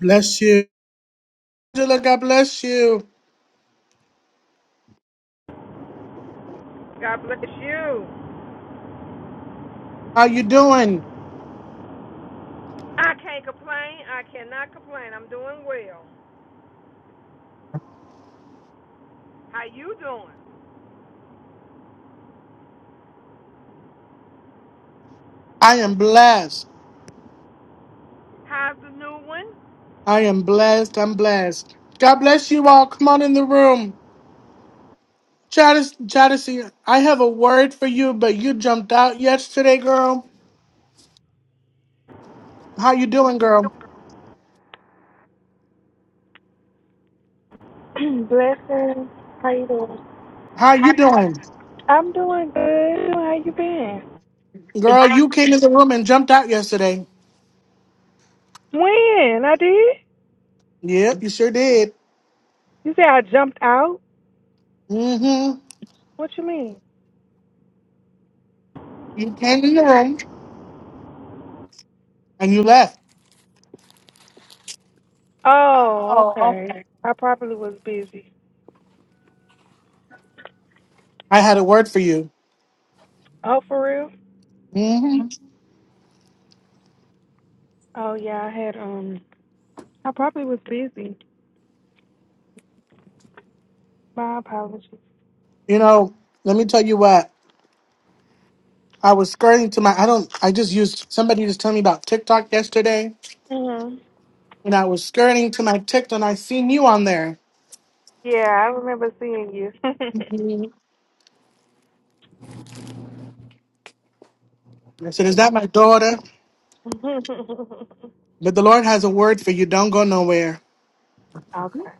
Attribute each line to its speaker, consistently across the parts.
Speaker 1: Bless you. Angela, God bless you.
Speaker 2: God bless you.
Speaker 1: How you doing?
Speaker 2: I can't complain. I cannot complain. I'm doing well. How you doing?
Speaker 1: I am blessed.
Speaker 2: How's the new one?
Speaker 1: I am blessed. I'm blessed. God bless you all. Come on in the room. Jadis, Jadis, I have a word for you, but you jumped out yesterday, girl. How you doing, girl?
Speaker 3: Blessings. How you doing?
Speaker 1: How you doing?
Speaker 3: I'm doing good. How you been?
Speaker 1: Girl, you came in the room and jumped out yesterday.
Speaker 3: When? I did?
Speaker 1: Yep, you sure did.
Speaker 3: You say I jumped out?
Speaker 1: Mm-hmm.
Speaker 3: What you mean?
Speaker 1: You came in the room
Speaker 2: Look,
Speaker 1: and you left.
Speaker 3: Oh,
Speaker 4: Oh,
Speaker 3: okay. I probably was busy.
Speaker 1: I had a word for you.
Speaker 3: Oh, for real?
Speaker 1: Mm-hmm.
Speaker 3: Oh yeah, I had um I probably was busy. My apologies.
Speaker 1: You know, let me tell you what. I was skirting to my I don't I just used somebody just told me about TikTok yesterday
Speaker 3: hmm
Speaker 1: and I was skirting to my TikTok and I seen you on there.
Speaker 3: Yeah, I remember seeing you.
Speaker 1: Mhm. I said, Is
Speaker 3: yeah.
Speaker 1: that my daughter? But the Lord has a word for you. Don't go nowhere.
Speaker 3: okay.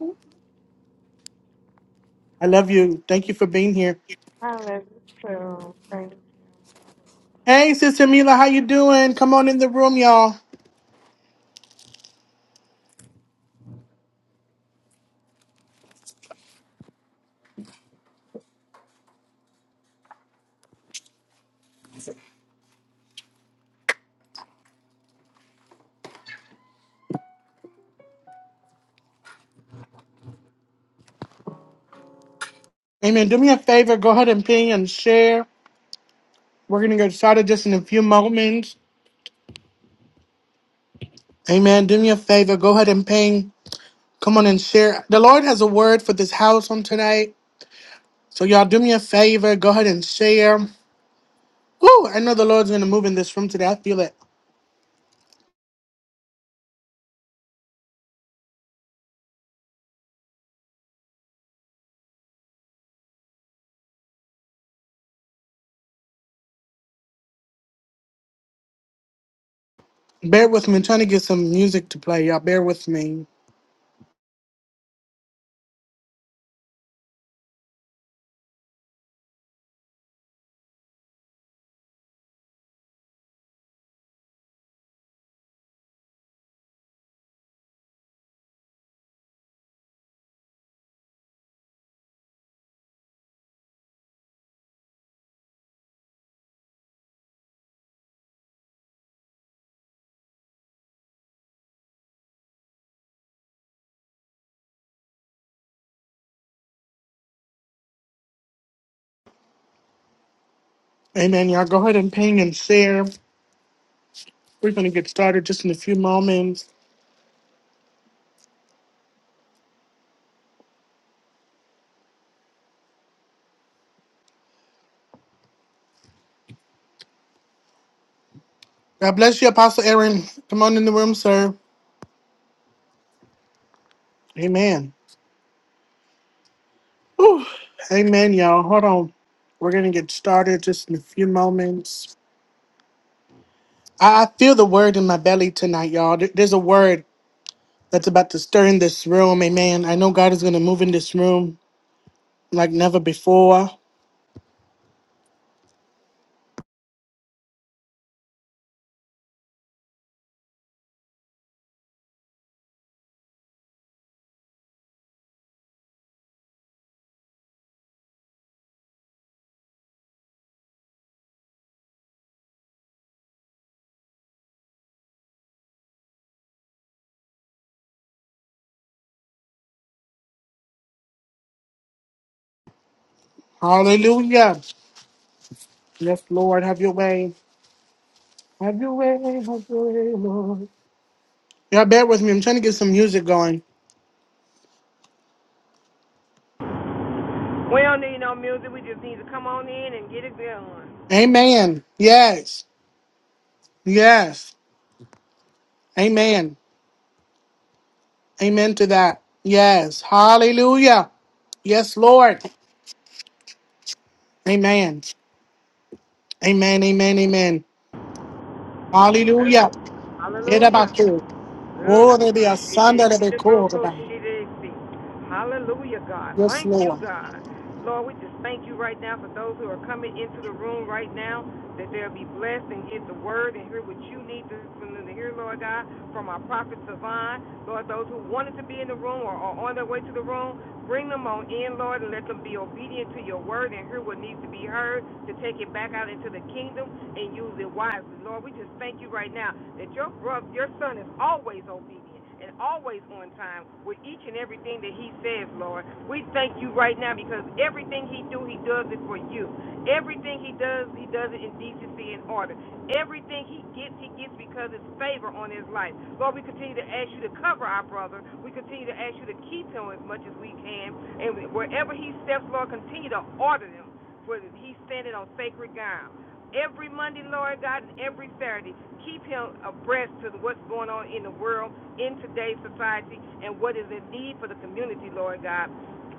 Speaker 1: I love you. Thank you for being here.
Speaker 3: I love you too. Thank
Speaker 1: Hey Sister Mila, how you doing? Come on in the room, y'all. Amen. Do me a favor, go ahead and ping and share. We're gonna get started just in a few moments. Amen. Do me a favor, go ahead and ping. Come on and share. The Lord has a word for this house on tonight. So y'all do me a favor, go ahead and share. Woo! I know the Lord's gonna move in this room today. I feel it. Bear with me. I'm trying to get some music to play. Y'all bear with me. Amen. Y'all go ahead and ping and share. We're gonna get started just in a few moments. God bless you, Apostle Aaron. Come on in the room, sir. Amen. Woo. Amen, y'all. Hold on. We're gonna get started just in a few moments. I I feel the word in my belly tonight, y'all. There- There's a word that's about to stir in this room. Amen. I know God is gonna move in this room. like never before. Hallelujah. Yes, Lord, have your way. Have your way, have your way, Lord. Y'all bear with me. I'm trying to get some music going.
Speaker 2: we don't need no music. We just need to come on in and get it going.
Speaker 1: Amen. Yes. Yes. Amen. Amen to that. Yes. Hallelujah. Yes, Lord. Amen. Amen. Amen. Amen. Hallelujah.
Speaker 2: Hallelujah.
Speaker 1: Yedabaku. Oh, there
Speaker 2: Ooh,
Speaker 1: be a
Speaker 2: she
Speaker 1: son
Speaker 2: didn't
Speaker 1: that
Speaker 2: see
Speaker 1: be
Speaker 2: the
Speaker 1: called
Speaker 2: miracle
Speaker 1: about.
Speaker 2: she didn't see. Hallelujah, God.
Speaker 1: Yes,
Speaker 2: Thank you,
Speaker 1: Lord.
Speaker 2: God. Lord, we just thank you right now for those who are coming into the room right now, that they'll be blessed and get the word and hear what you need to, from them to hear, Lord God, from our prophet Savon. Lord, those who wanted to be in the room or are on their way to the room, Bring them on in, Lord, and let them be obedient to your word and hear what needs to be heard to take it back out into the kingdom and use it wisely. Lord, we just thank you right now that your brother, your son is always obedient and always on time with each and everything that he says, Lord. We thank you right now because everything he do, he does it for you. Everything he does, he does it in decency and order. Everything he gets, he gets because it's favor on his life. Lord, we continue to ask you to cover our brother. We continue to ask you to keep him as much as we can. And wherever he steps, Lord, continue to order him, for he's standing on sacred ground. Every Monday, Lord God, and every Saturday, keep him abreast to what's going on in the world, in today's society, and what is in need for the community, Lord God.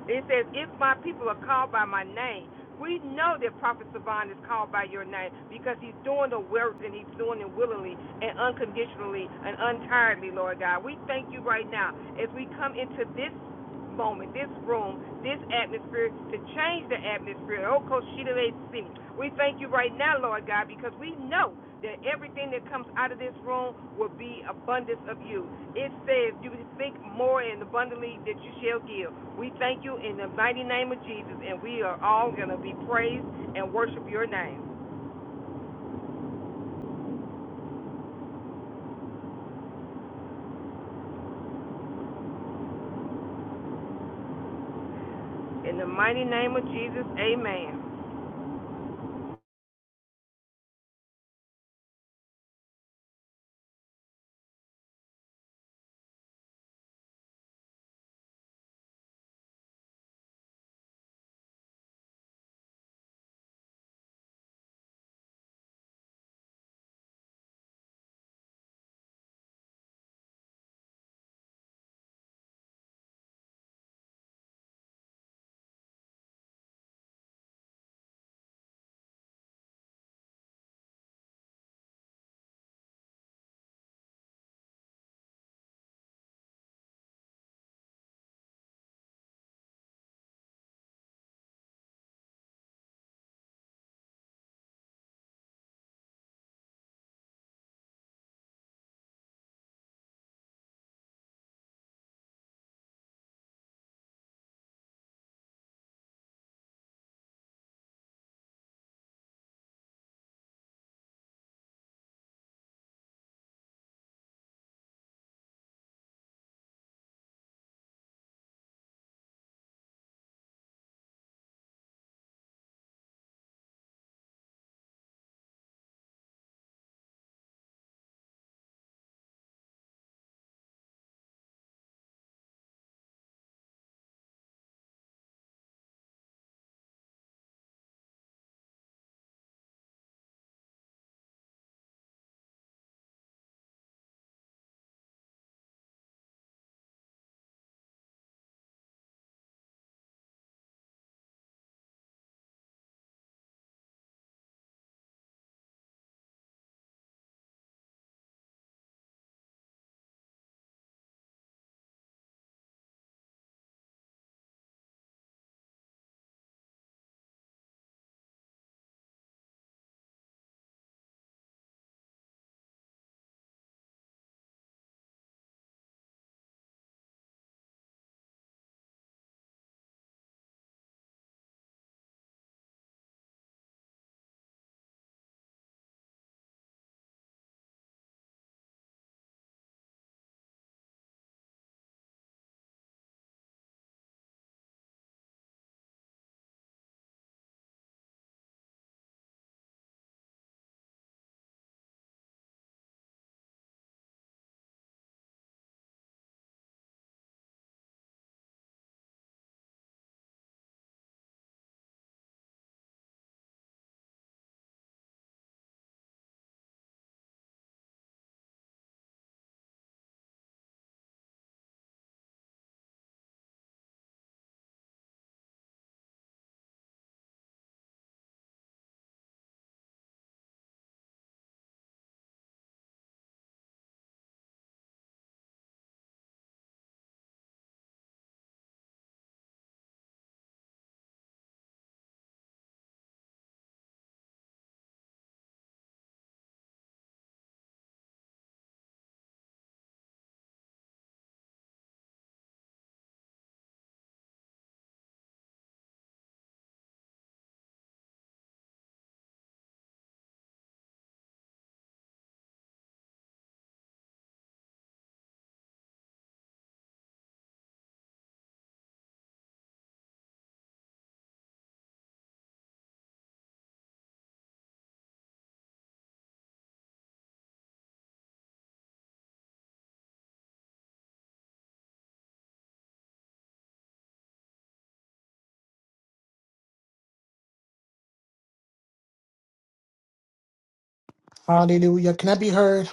Speaker 2: It says, If my people are called by my name, we know that Prophet Savan is called by your name because he's doing the work and he's doing it willingly and unconditionally and untiredly, Lord God. We thank you right now as we come into this moment, this room, this atmosphere to change the atmosphere. Oh, Koshidele We thank you right now, Lord God, because we know that everything that comes out of this room will be abundance of you. It says, You think more and abundantly that you shall give. We thank you in the mighty name of Jesus, and we are all going to be praised and worship your name. In the mighty name of Jesus, amen.
Speaker 1: Hallelujah. Can I be heard?